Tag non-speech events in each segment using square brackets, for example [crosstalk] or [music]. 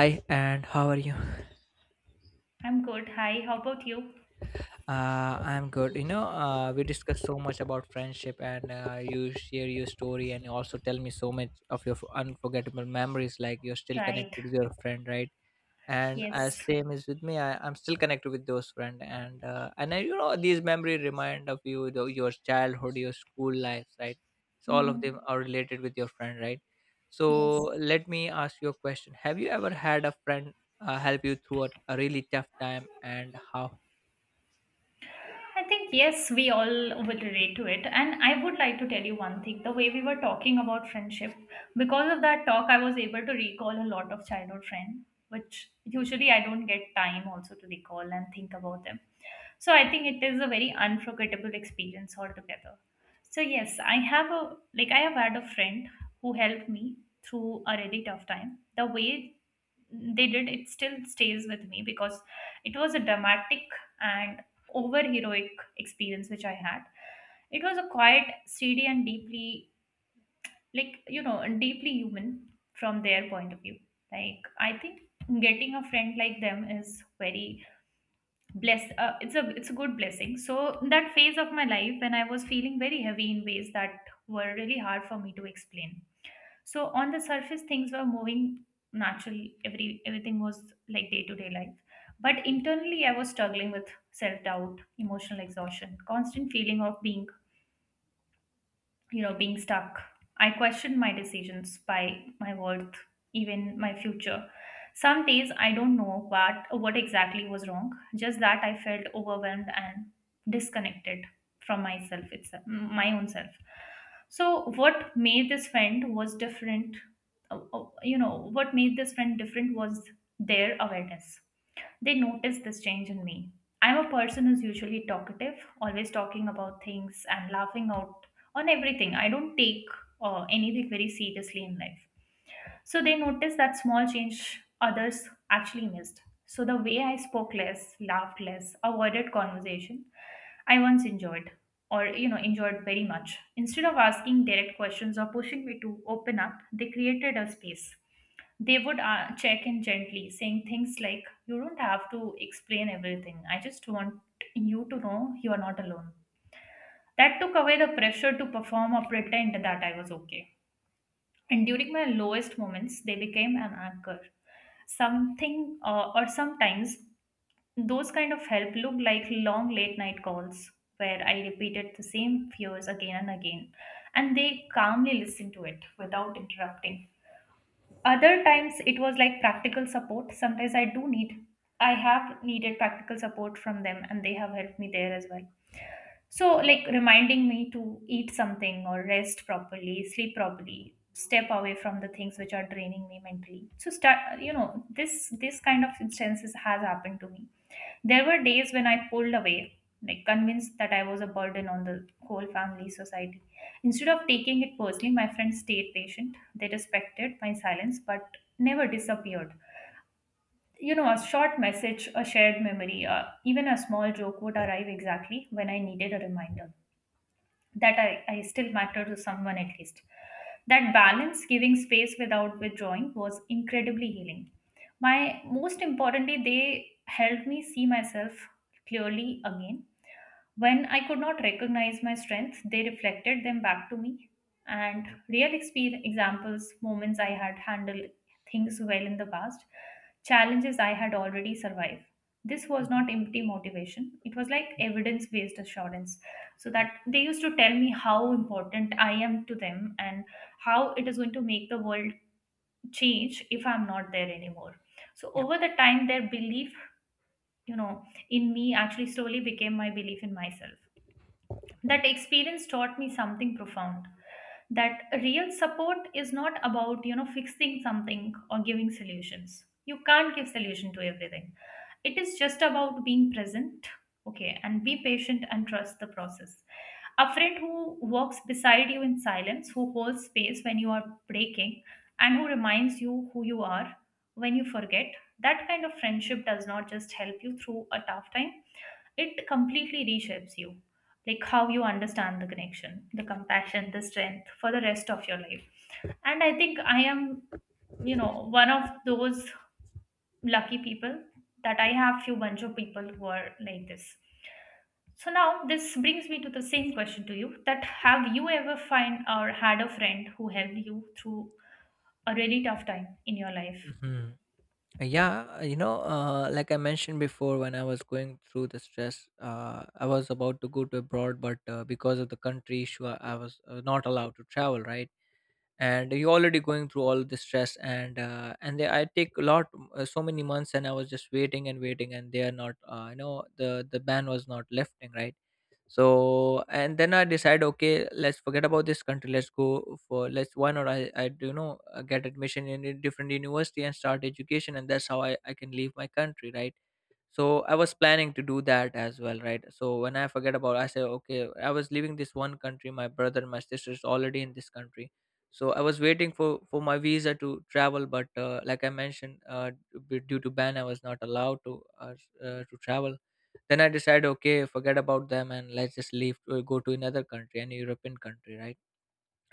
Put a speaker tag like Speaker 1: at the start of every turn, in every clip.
Speaker 1: Hi, and how are you?
Speaker 2: I'm good. Hi, how about you?
Speaker 1: I'm good. We discussed so much about friendship, and you share your story, and you also tell me so much of your unforgettable memories. Like you're still
Speaker 2: Right.
Speaker 1: connected with your friend, right? And as
Speaker 2: Yes.
Speaker 1: same is with me, I'm still connected with those friends, and I, you know, these memory remind of you your childhood, your school life, right? So all of them
Speaker 2: Mhm.
Speaker 1: are related with your friend, right? So
Speaker 2: Yes.
Speaker 1: let me ask you a question. Have you ever had a friend help you through a really tough time, and how?
Speaker 2: I think, yes, we all will relate to it. And I would like to tell you one thing, the way we were talking about friendship, because of that talk, I was able to recall a lot of childhood friends, which usually I don't get time also to recall and think about them. So I think it is a very unforgettable experience altogether. So, yes, I have a, like, I have had a friend who helped me through a really tough time. The way they did it still stays with me because it was a dramatic and over heroic experience which I had. It was a quiet, steady and deeply, deeply human from their point of view. Like, I think getting a friend like them is very blessed. It's a good blessing. So that phase of my life when I was feeling very heavy in ways that were really hard for me to explain, so on the surface things were moving naturally, everything was like day to day life, but internally I was struggling with self doubt, emotional exhaustion, constant feeling of being, being stuck. I questioned my decisions, by my worth, even my future. Some days I don't know what exactly was wrong, just that I felt overwhelmed and disconnected from myself itself, my own self. So what made this friend was different you know what made this friend different was their awareness. They noticed this change in me. I'm a person who's usually talkative, always talking about things and laughing out on everything. I don't take anything very seriously in life. So they noticed that small change others actually missed. So the way I spoke less, laughed less, avoided conversation, I once enjoyed or enjoyed very much. Instead of asking direct questions or pushing me to open up, they created a space. They would check in gently, saying things like, "You don't have to explain everything. I just want you to know you are not alone." That took away the pressure to perform or pretend that I was okay. And during my lowest moments, they became an anchor. Something uh, or sometimes those kind of help look like long late night calls where I repeated the same fears again and again, and they calmly listened to it without interrupting. Other times it was like practical support. Sometimes I do need, I have needed practical support from them and they have helped me there as well. So, like reminding me to eat something or rest properly, sleep properly, step away from the things which are draining me mentally. So, start, this kind of instances has happened to me. There were days when I pulled away, like convinced that I was a burden on the whole family society. Instead of taking it personally, my friends stayed patient. They respected my silence but never disappeared. You know, a short message, a shared memory, even a small joke would arrive exactly when I needed a reminder that I still matter to someone at least. That balance, giving space without
Speaker 1: Yeah.
Speaker 2: withdrawing, was incredibly healing. My most importantly, they helped me see myself clearly again. When I could not recognize my strengths, they reflected them back to me. And
Speaker 1: Yeah.
Speaker 2: examples, moments I had handled things well in the past, challenges I had already survived. This was
Speaker 1: Mhm.
Speaker 2: not empty motivation, it was like
Speaker 1: Yep,
Speaker 2: evidence based assurance. So
Speaker 1: yep,
Speaker 2: that they used to tell me how important I am to them and how it is going to make the world change if I'm not there anymore. So
Speaker 1: yep.
Speaker 2: over the time, their belief, you know, in me actually slowly became my belief in myself. That experience taught me something profound, that real support is not about fixing something or giving solutions. You can't give solution to everything. It is just about being present, okay, and be patient and trust the process. A friend who walks beside you in silence, who holds space when you are breaking, and who reminds you who you are when you forget, that kind of friendship does not just help you through a tough time, it completely reshapes you, like how you understand the connection, the compassion, the strength for the rest of your life. And I think I am, you know one of those lucky people, that I have few bunch of people who are like this. So now this brings me to the same question to you, that have you ever find or had a friend who helped you through a really tough time in your life?
Speaker 1: Mhm. Yeah, you know, like I mentioned before, when I was going through the stress, I was about to go to abroad, but because of the country issue, I was not allowed to travel, right? And you're already going through all the stress, and I take a lot so many months, and I was just waiting and waiting, and they are not, you know, the ban was not lifting, right? So and then I decide, okay, let's forget about this country, let's go for, let's, why not I do, you know, get admission in a different university and start education, and that's how I can leave my country, right? So I was planning to do that as well, right? So when I forget about, I say, okay, I was leaving this one country, my brother and my sister is already in this country. So I was waiting for my visa to travel, but like I mentioned, due to ban, I was not allowed to, to travel. Then I decided, okay, forget about them and let's just leave, go to another country, an European country, right?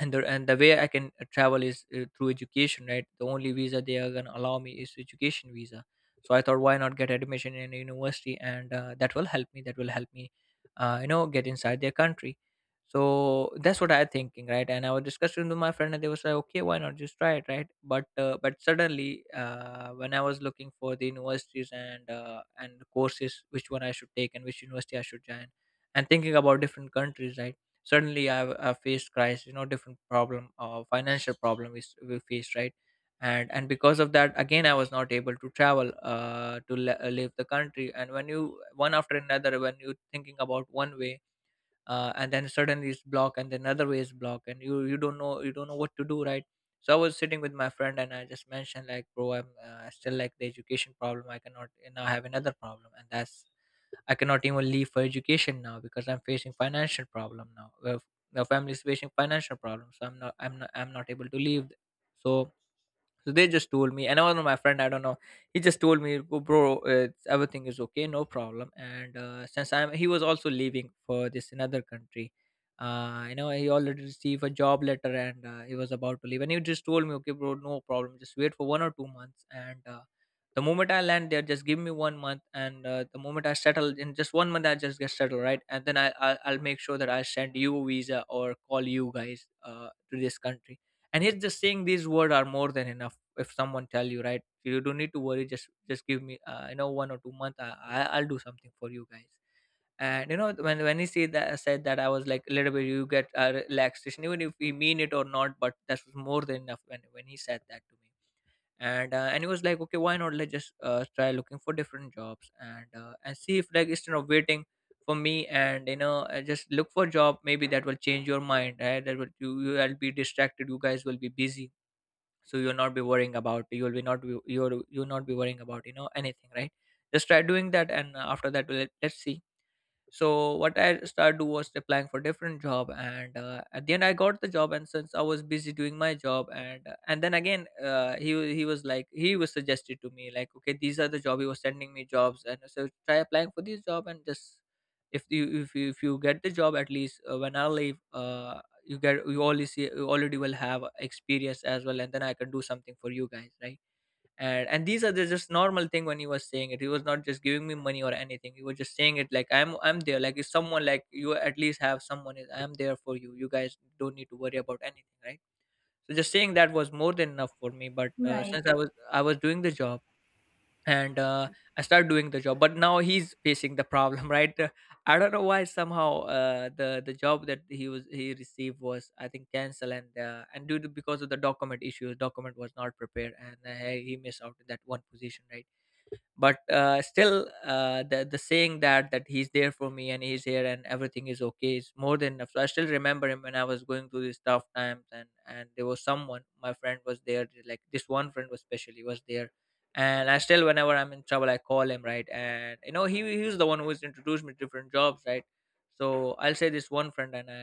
Speaker 1: And the way I can, travel is, through education, right? The only visa they are gonna allow me is education visa. So I thought, why not get admission in a university, and that will help me. That will help me, you know, get inside their country. So that's what I'm thinking, right? And I was discussing with my friend, and they was like, okay, why not just try it, right? But suddenly, when I was looking for the universities and courses, which one I should take and which university I should join, and thinking about different countries, right? Suddenly I've faced crisis, you know, different problem, financial problem we faced, right? And because of that again I was not able to travel, leave the country. And when you, one after another, when you thinking about one way, and then suddenly it's blocked, and then another way is blocked, and you don't know, you don't know what to do, right? So I was sitting with my friend, and I just mentioned like, bro, I'm, still like the education problem, I cannot, you know, I have another problem, and that's, I cannot even leave for education now because I'm facing financial problem now. The family is facing financial problems. So I'm not. I'm not. I'm not able to leave. So so they just told me, and I was my friend. I don't know. He just told me, "Go, bro, it's, everything is okay, no problem." And since I'm, he was also leaving for this another country. You know, he already received a job letter, and he was about to leave. And he just told me, "Okay, bro, no problem. Just wait for 1 or 2 months." And the moment I land there, just give me 1 month. And the moment I settle, in just 1 month, I just get settled, right? And then I'll make sure that I send you a visa or call you guys to this country. And he's just saying these words are more than enough. If someone tell you, right, you don't need to worry, just give me, you know, 1 or 2 months. I'll do something for you guys. And you know, when he said that, said that, I was like, a little bit, you get a relaxation, even if we mean it or not, but that was more than enough when he said that to me. And and he was like, okay, why not, let's just try looking for different jobs and see if, like, instead of waiting for me, and, you know, just look for job, maybe that will change your mind, right? That will, you, you'll be distracted, you guys will be busy, so you'll not be worrying about, you will be not be, you will, you will not be worrying about, you know, anything, right? Just try doing that, and after that we'll, let's see. So what I started do was applying for different job, and at the end I got the job. And since I was busy doing my job, and then again, he was like, he was suggested to me like, okay, these are the job, he was sending me jobs, and so try applying for this job, and just, if you get the job, at least when I leave, you get, you already see, you already will have experience as well, and then I can do something for you guys, right? And these are the just normal thing. When he was saying it, he was not just giving me money or anything, he was just saying it like, I'm there, like, if someone like you at least have someone is, I'm there for you, you guys don't need to worry about anything, right? So just saying that was more than enough for me. But
Speaker 2: Right.
Speaker 1: Since I was doing the job, and I started doing the job. But now he's facing the problem, [laughs] right? I don't know why, somehow, the job that he received was, I think, cancel, and due to, because of the document issues, document was not prepared, and he missed out on that one position, right? but Still, the saying that that he's there for me and he's here and everything is okay is more than enough. So I still remember him when I was going through these tough times. And there was someone, my friend was there, like this one friend was especially was there. And I still, whenever I'm in trouble, I call him, right? And you know, he was the one who was introduced me to different jobs, right? So I'll say this one friend. And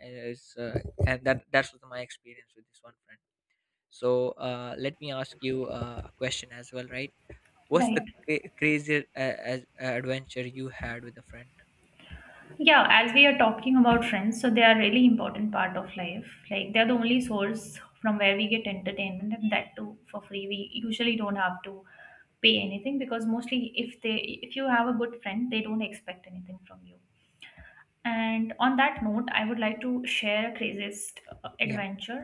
Speaker 1: I is and that that's was my experience with this one friend. So let me ask you a question as well, right? What's the
Speaker 2: Right.
Speaker 1: craziest adventure you had with a friend?
Speaker 2: Yeah, as we are talking about friends, so they are really important part of life. Like, they're the only source from where we get entertainment, and that too for free. We usually don't have to pay anything because mostly if they, if you have a good friend, they don't expect anything from you. And on that note, I would like to share a craziest
Speaker 1: Yeah.
Speaker 2: adventure.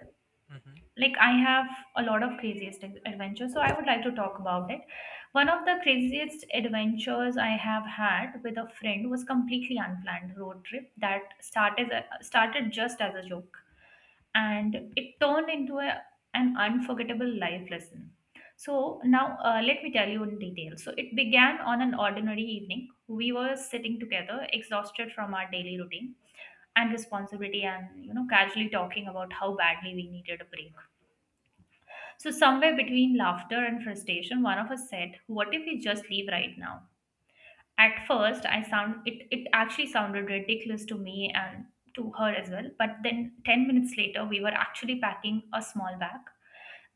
Speaker 1: Mm-hmm.
Speaker 2: Like, I have a lot of craziest adventures, so I would like to talk about it. One of the craziest adventures I have had with a friend was completely unplanned road trip that started just as a joke, and it turned into an unforgettable life lesson. So now let me tell you in detail. So it began on an ordinary evening. We were sitting together, exhausted from our daily routine and responsibility, and casually talking about how badly we needed a break. So, somewhere between laughter and frustration, one of us said, "What if we just leave right now?" At first, I sound it, it actually sounded ridiculous to me and to her as well. But then 10 minutes later, we were actually packing a small bag,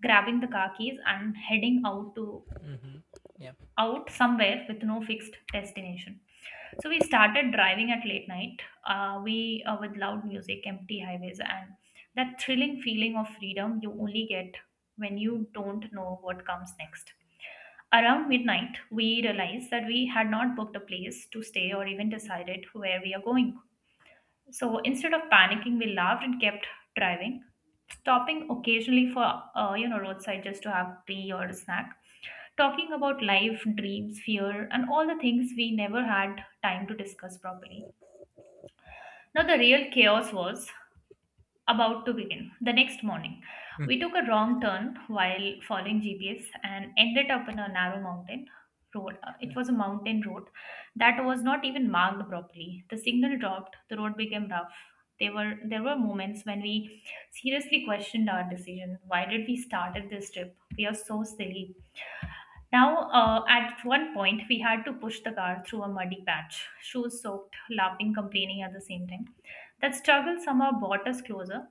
Speaker 2: grabbing the car keys and heading out to
Speaker 1: Mm-hmm. Yeah.
Speaker 2: out somewhere with no fixed destination. So we started driving at late night. We With loud music, empty highways, and that thrilling feeling of freedom you only get when you don't know what comes next. Around midnight, we realized that we had not booked a place to stay or even decided where we are going. So instead of panicking, we laughed and kept driving, stopping occasionally for roadside just to have tea or a snack, talking about life, dreams, fear, and all the things we never had time to discuss properly. Now the real chaos was about to begin. The next morning,
Speaker 1: Mm.
Speaker 2: we took a wrong turn while following GPS and ended up in a narrow mountain road. It was a mountain road that was not even marked properly. The signal dropped, the road became rough. There were moments when we seriously questioned our decision. Why did we started this trip? We are so silly. Now, at one point, we had to push the car through a muddy patch, shoes soaked, laughing, complaining at the same time. That struggle somehow brought us closer.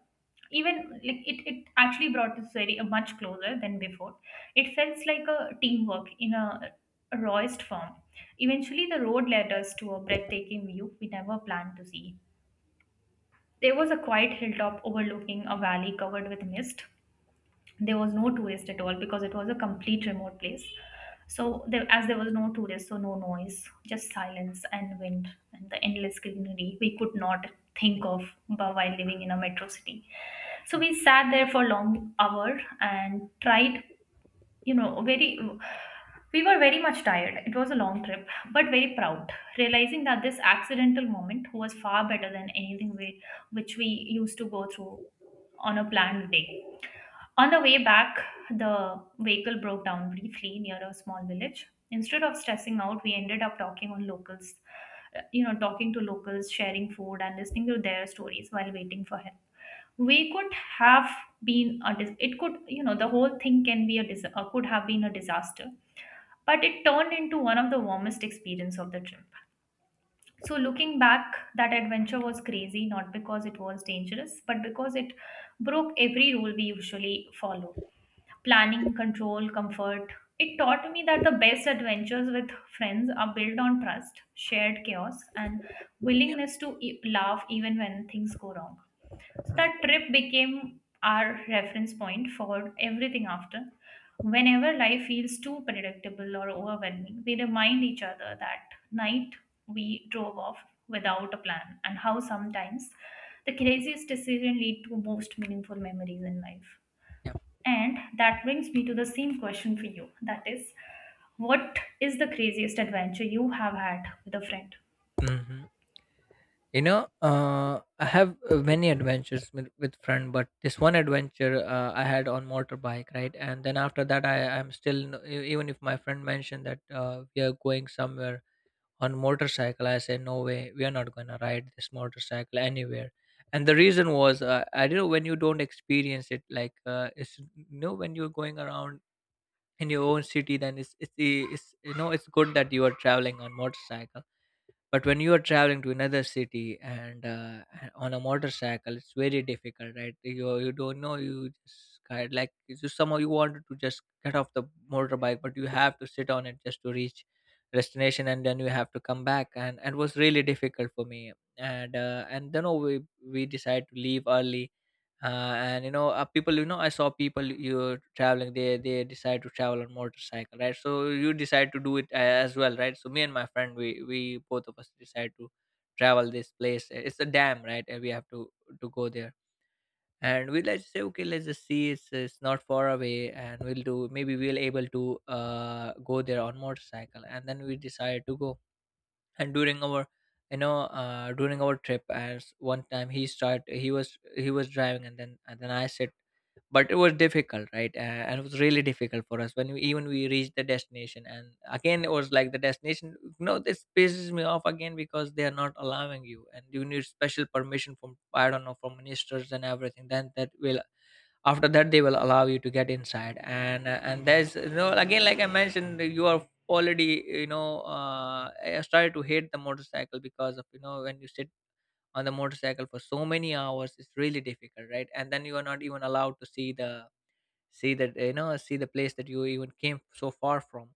Speaker 2: Even it actually brought us very much closer than before. It felt like a teamwork in a rawest form. Eventually the road led us to a breathtaking view we never planned to see. There was a quiet hilltop overlooking a valley covered with mist. There was no tourist at all because it was a complete remote place. So there, as there was no tourist, so no noise, just silence and wind and the endless greenery we could not
Speaker 1: Yeah.
Speaker 2: think of while living in a metro city. So
Speaker 1: Yeah.
Speaker 2: we sat there for a long hour and tried, very, we were very much tired. It was a long trip but very proud, realizing that this accidental moment was far better than anything we, which we used to go through on a planned day. On the way back, the vehicle broke down briefly near a small village. Instead of stressing out, we ended up talking on locals, talking to locals, sharing food, and listening to their stories while waiting for help. We could have been a it, could the whole thing can be a could have been a disaster, but it turned into one of the warmest experience of the trip. So looking back, that adventure was crazy not because it was dangerous, but because it broke every rule we usually follow: planning, control, comfort. It taught me that the best adventures with friends are built on trust, shared chaos, and willingness to laugh even when things go wrong. So
Speaker 1: Yeah.
Speaker 2: that trip became our reference point for everything after. Whenever life feels too predictable or overwhelming, we remind each other that night we drove off without a plan and how sometimes the craziest decision lead to most meaningful memories in life.
Speaker 1: Yeah.
Speaker 2: And that brings me to the same question for you. That is, what is the craziest adventure you have had with a friend?
Speaker 1: Mhm. You know, I have many adventures with friend, but this one adventure I had on motorbike, right? And then after that, I am still, even if my friend mentioned that we are going somewhere on motorcycle, I said no way, we are not going to ride this motorcycle anywhere. And the reason was, I don't know, when you don't experience it, like, it's, you know, when you're going around in your own city, then it's, you know, it's good that you are traveling on motorcycle. But when you are traveling to another city, and on a motorcycle, it's very difficult, right? You don't know, you just kind like, it's just somehow you wanted to just get off the motorbike, but you have to sit on it just to reach destination, and then you have to come back. And it was really difficult for me. And then oh, we decided to leave early. And You know, people, you know, I saw people, you're traveling, they decide to travel on motorcycle, right? So you decide to do it, as well, right? So me and my friend, we both of us decide to travel this place, it's a dam, right? And we have to go there. And we, let's say okay, let's just see, it's not far away, and we'll do, maybe we'll able to go there on motorcycle. And then we decide to go. And during our, you know, during our trip, as one time, he was, he was driving. And then I Said, but it was difficult, right? And it was really difficult for us when we even we reached the destination. And again, it was like the destination. No, this pisses me off again because they are not allowing you, and you need special permission from, I don't know, from ministers and everything. Then that will, after that they will allow you to get inside. And and there's, you know, again, like I mentioned, you are already, you know, I started to hate the motorcycle because of, you know, when you sit on the motorcycle for so many hours, it's really difficult, right? And then you are not even allowed to see the, see that, you know, see the place that you even came so far from.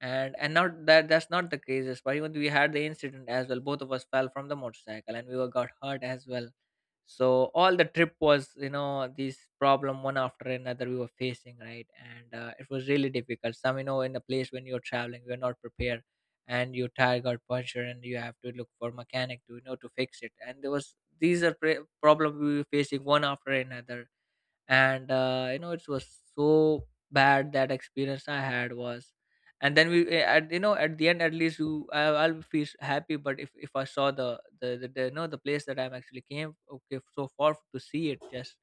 Speaker 1: And not that, that's not the case. That's why even we had the incident as well. Both of us fell from the motorcycle and we were got hurt as well. So all the trip was, you know, this problem one after another we were facing, right? And it was really difficult. Some, you know, in a place when you're traveling, you're not prepared and your tire got punctured and you have to look for mechanic to, you know, to fix it. And there was, these are problem we were facing one after another. And you know, it was so bad, that experience I had was. And then we at, you know, at the end, at least you, I'll feel happy. But if I saw the the you know, the place that I'm actually came, okay, so far to see it. Just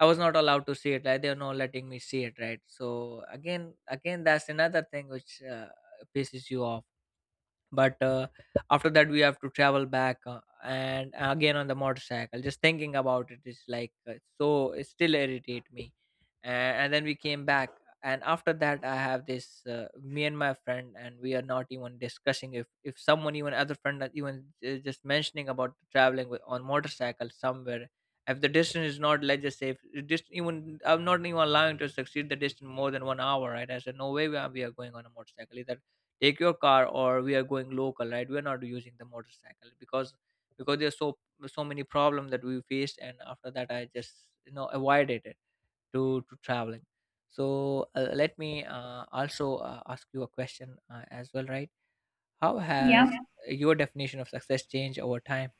Speaker 1: I was not allowed to see it, like they're not letting me see it, right? So again, again, that's another thing which pisses you off. But after that, we have to travel back, and again on the motorcycle. Just thinking about it is like, so it still irritate me. And then we came back. And after that, I have this, me and my friend, and we are not even discussing if someone, even other friend, that even just mentioning about traveling with, on motorcycle somewhere, if the distance is not, let's just say, if it just, even I'm not even allowing to succeed the distance more than 1 hour, right? I said no way, we are going on a motorcycle. Either take your car or we are going local, right? We are not using the motorcycle, because there's so many problems that we faced. And after that, I just, you know, avoided it to traveling. So let me also ask you a question as well, right? How
Speaker 2: Yeah.
Speaker 1: has, yeah, your definition of success changed over time?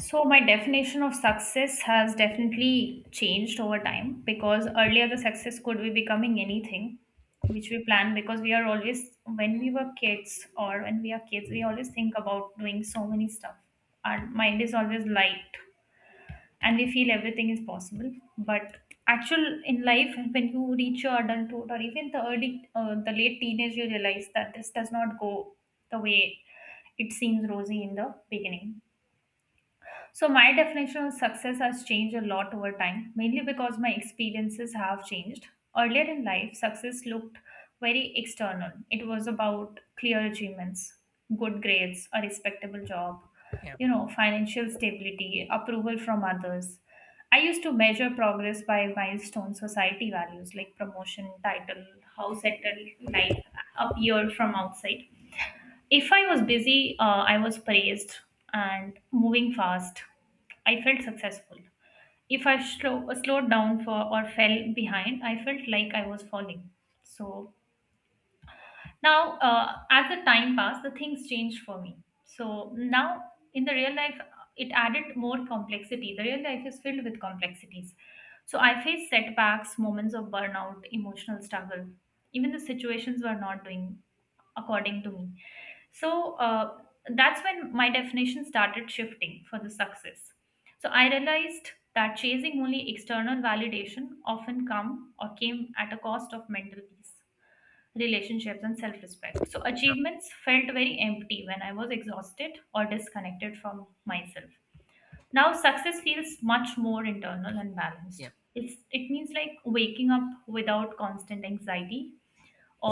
Speaker 2: So my definition of success has definitely changed over time because earlier the success could be becoming anything which we plan because we are always when we were kids or when we are kids we always think about doing so many stuff. Our mind is always light and we feel everything is possible, but actual in life when you reach your adulthood or even the early the late teenage you realize that this does not go the way it seems rosy in the beginning. So my definition of success has changed a lot over time, mainly because my experiences have changed. Earlier in life, success looked very external. It was about clear achievements, good grades, a respectable job,
Speaker 1: Yeah,
Speaker 2: you know, financial stability, approval from others. I used to measure progress by milestone society values like promotion, title, how settled life appeared from outside. If I was busy, I was praised and moving fast. I felt successful. If I slowed down for or fell behind, I felt like I was falling. So now, as the time passed, the things changed for me. So now, in the real life, it added more complexity. The real life is filled with complexities. So I faced setbacks, moments of burnout, emotional struggle. Even the situations were not doing according to me. So that's when my definition started shifting for the success. So I realized that chasing only external validation often come or came at a cost of mental peace, relationships and self-respect. So
Speaker 1: yeah,
Speaker 2: achievements felt very empty when I was exhausted or disconnected from myself. Now success feels much more internal and balanced.
Speaker 1: yeah,
Speaker 2: It's, it means like waking up without constant anxiety,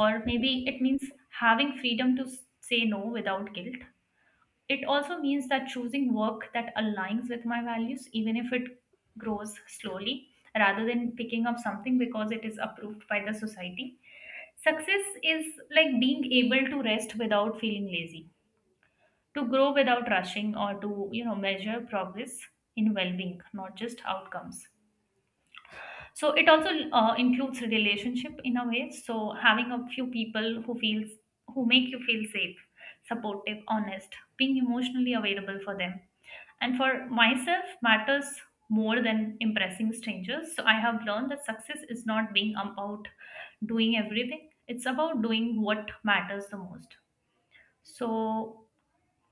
Speaker 2: or maybe it means having freedom to say no without guilt. It also means that choosing work that aligns with my values even if it grows
Speaker 1: yeah,
Speaker 2: slowly, rather than picking up something because it is approved by the society. Success is like being able to rest without feeling lazy, to grow without rushing, or to, you know, measure progress in well-being, not just outcomes. So it also includes relationship in a way. So having a few people who feels, who make you feel safe, supportive, honest, being emotionally available for them, and for myself, matters more than impressing strangers. So I have learned that success is not being about doing everything, it's about doing what matters the most. So,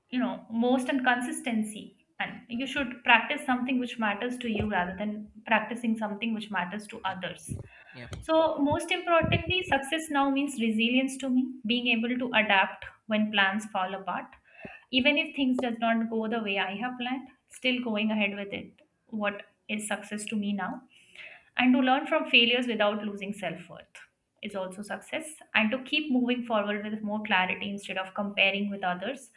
Speaker 2: you know, most and consistency. And you should practice something which matters to you rather than practicing something which matters to
Speaker 1: yeah,
Speaker 2: others.
Speaker 1: yeah,
Speaker 2: So, most importantly, success now means resilience to me, being able to adapt when plans fall apart, even if things does not go the way I have planned, still going ahead with it, what is success to me now. And to learn from failures without losing self-worth is also success, and to keep moving forward with more clarity instead of comparing with others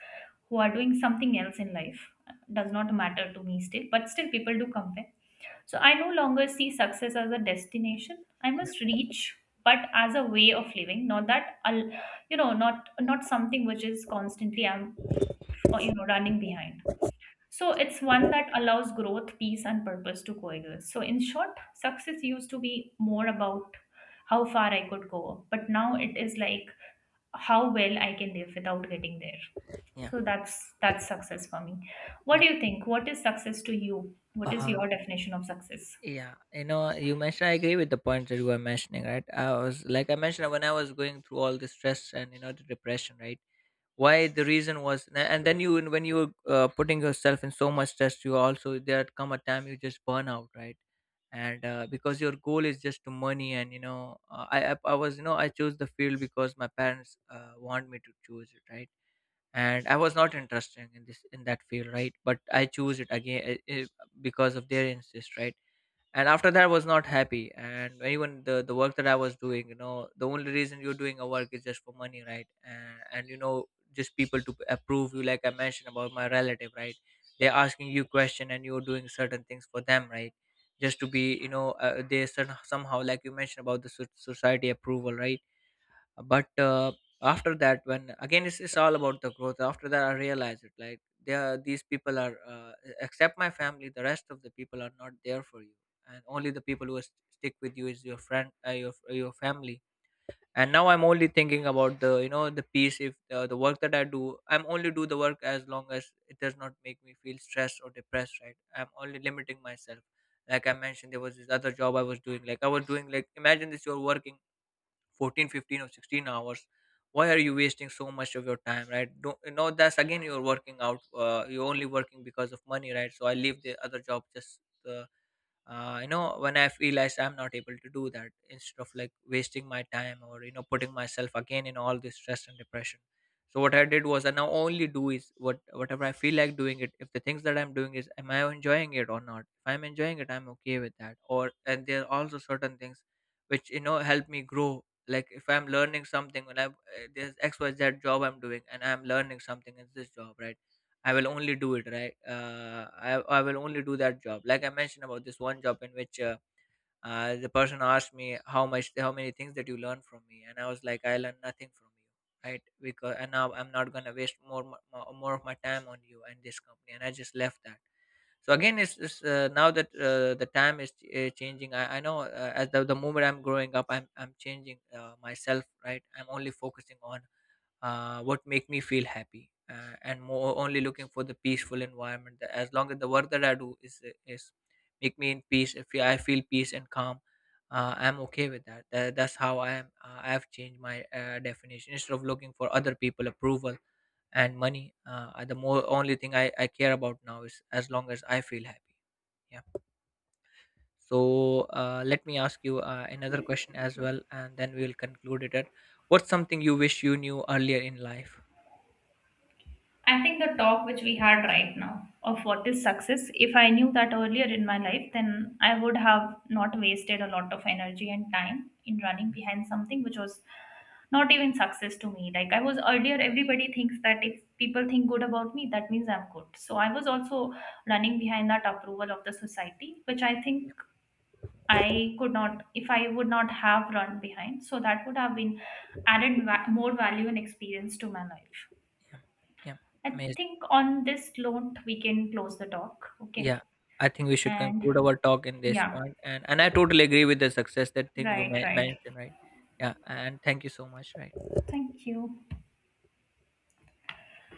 Speaker 2: who are doing something else in life. Does not matter to me, still but still people do compare. So I no longer see success as a destination I
Speaker 1: yeah,
Speaker 2: must reach, but as a way of living. Not that I'll, you know, not something which is constantly I'm, you know, running behind. So it's one that allows growth, peace, and purpose to coexist. So in short, success used to be more about how far I could go, but now it is like how well I can live without getting there.
Speaker 1: yeah.
Speaker 2: So that's success for me. What
Speaker 1: Yeah.
Speaker 2: do you think? What is success to you? What is
Speaker 1: Uh,
Speaker 2: your definition of success?
Speaker 1: Yeah, you know, you mentioned, I agree with the points that you were mentioning, right? I was, like I mentioned, when I was going through all the stress and, you know, the depression, right? Why, the reason was, and then you, when you were putting yourself in so much stress, you also, there come a time you just burn out, right? And because your goal is just to money. And, you know, I was, you know, I chose the field because my parents want me to choose it, right? And I was not interested in this in that field, right? But I choose it again because of their insist, right? And after that, I was not happy. And even the work that I was doing, you know, the only reason you're doing a work is just for money, right? And you know, just people to approve you, like I mentioned about my relative, right? They're asking you question and you're doing certain things for them, right? Just to be, you know, they somehow, like you mentioned about the society approval, right? But after that, when again it's all about the growth. After that, I realized it, like they are, these people are except my family, the rest of the people are not there for you. And only the people who stick with you is your friend, your family. And now I'm only thinking about, the you know, the peace. If the work that I do, I'm only do the work as long as it does not make me feel stressed or depressed, right? I'm only limiting myself, like I mentioned. There was this other job I was doing. Like I was doing, like, imagine this, you're working 14, 15, or 16 hours. Why are you wasting so much of your time, right? Don't you know, that's again, you're working out, you're only working because of money, right? So I leave the other job just uh, you know, when I have realized I'm not able to do that instead of, like, wasting my time or, you know, putting myself again in all this stress and depression. So what I did was, I now only do is what, whatever I feel like doing it. If the things that I'm doing is, am I enjoying it or not? If I'm enjoying it, I'm okay with that. Or, and there are also certain things which, you know, help me grow. Like if I'm learning something, when I there's xyz job I'm doing, and I'm learning something in this job, right? I will only do it, right. I will only do that job. Like I mentioned about this one job, in which the person asked me how much, how many things that you learn from me. And I was like, I learned nothing from you, right? Because, and now I'm not gonna waste more more of my time on you and this company, and I just left that. So again, it's now that the time is changing. I know as the moment I'm growing up, I'm changing myself, right? I'm only focusing on what make me feel happy, and more, only looking for the peaceful environment. That as long as the work that I do is make me in peace. If I feel peace and calm, I'm okay with that. That's how I am. I've changed my definition, instead of looking for other people approval and money. The more only thing I care about now is, as long as I feel happy. Yeah. So let me ask you another question as well, and then we will conclude it at, what's something you wish you knew earlier in life?
Speaker 2: I think the talk which we had right now of what is success, if I knew that earlier in my life, then I would have not wasted a lot of energy and time in running behind something which was not even success to me. Like I was earlier, everybody thinks that if people think good about me, that means I'm good. So I was also running behind that approval of the society, which I think I could not, if I would not have run behind. So that would have been added more value and experience to my life.
Speaker 1: Yeah, yeah,
Speaker 2: I
Speaker 1: amazing.
Speaker 2: think on this note, we can close the talk. Okay.
Speaker 1: Yeah, I think we should
Speaker 2: And
Speaker 1: conclude our talk in this
Speaker 2: yeah,
Speaker 1: point. And I totally agree with the success that thing you
Speaker 2: right, right.
Speaker 1: mentioned, right? Yeah, and thank you so much, right?
Speaker 2: Thank you.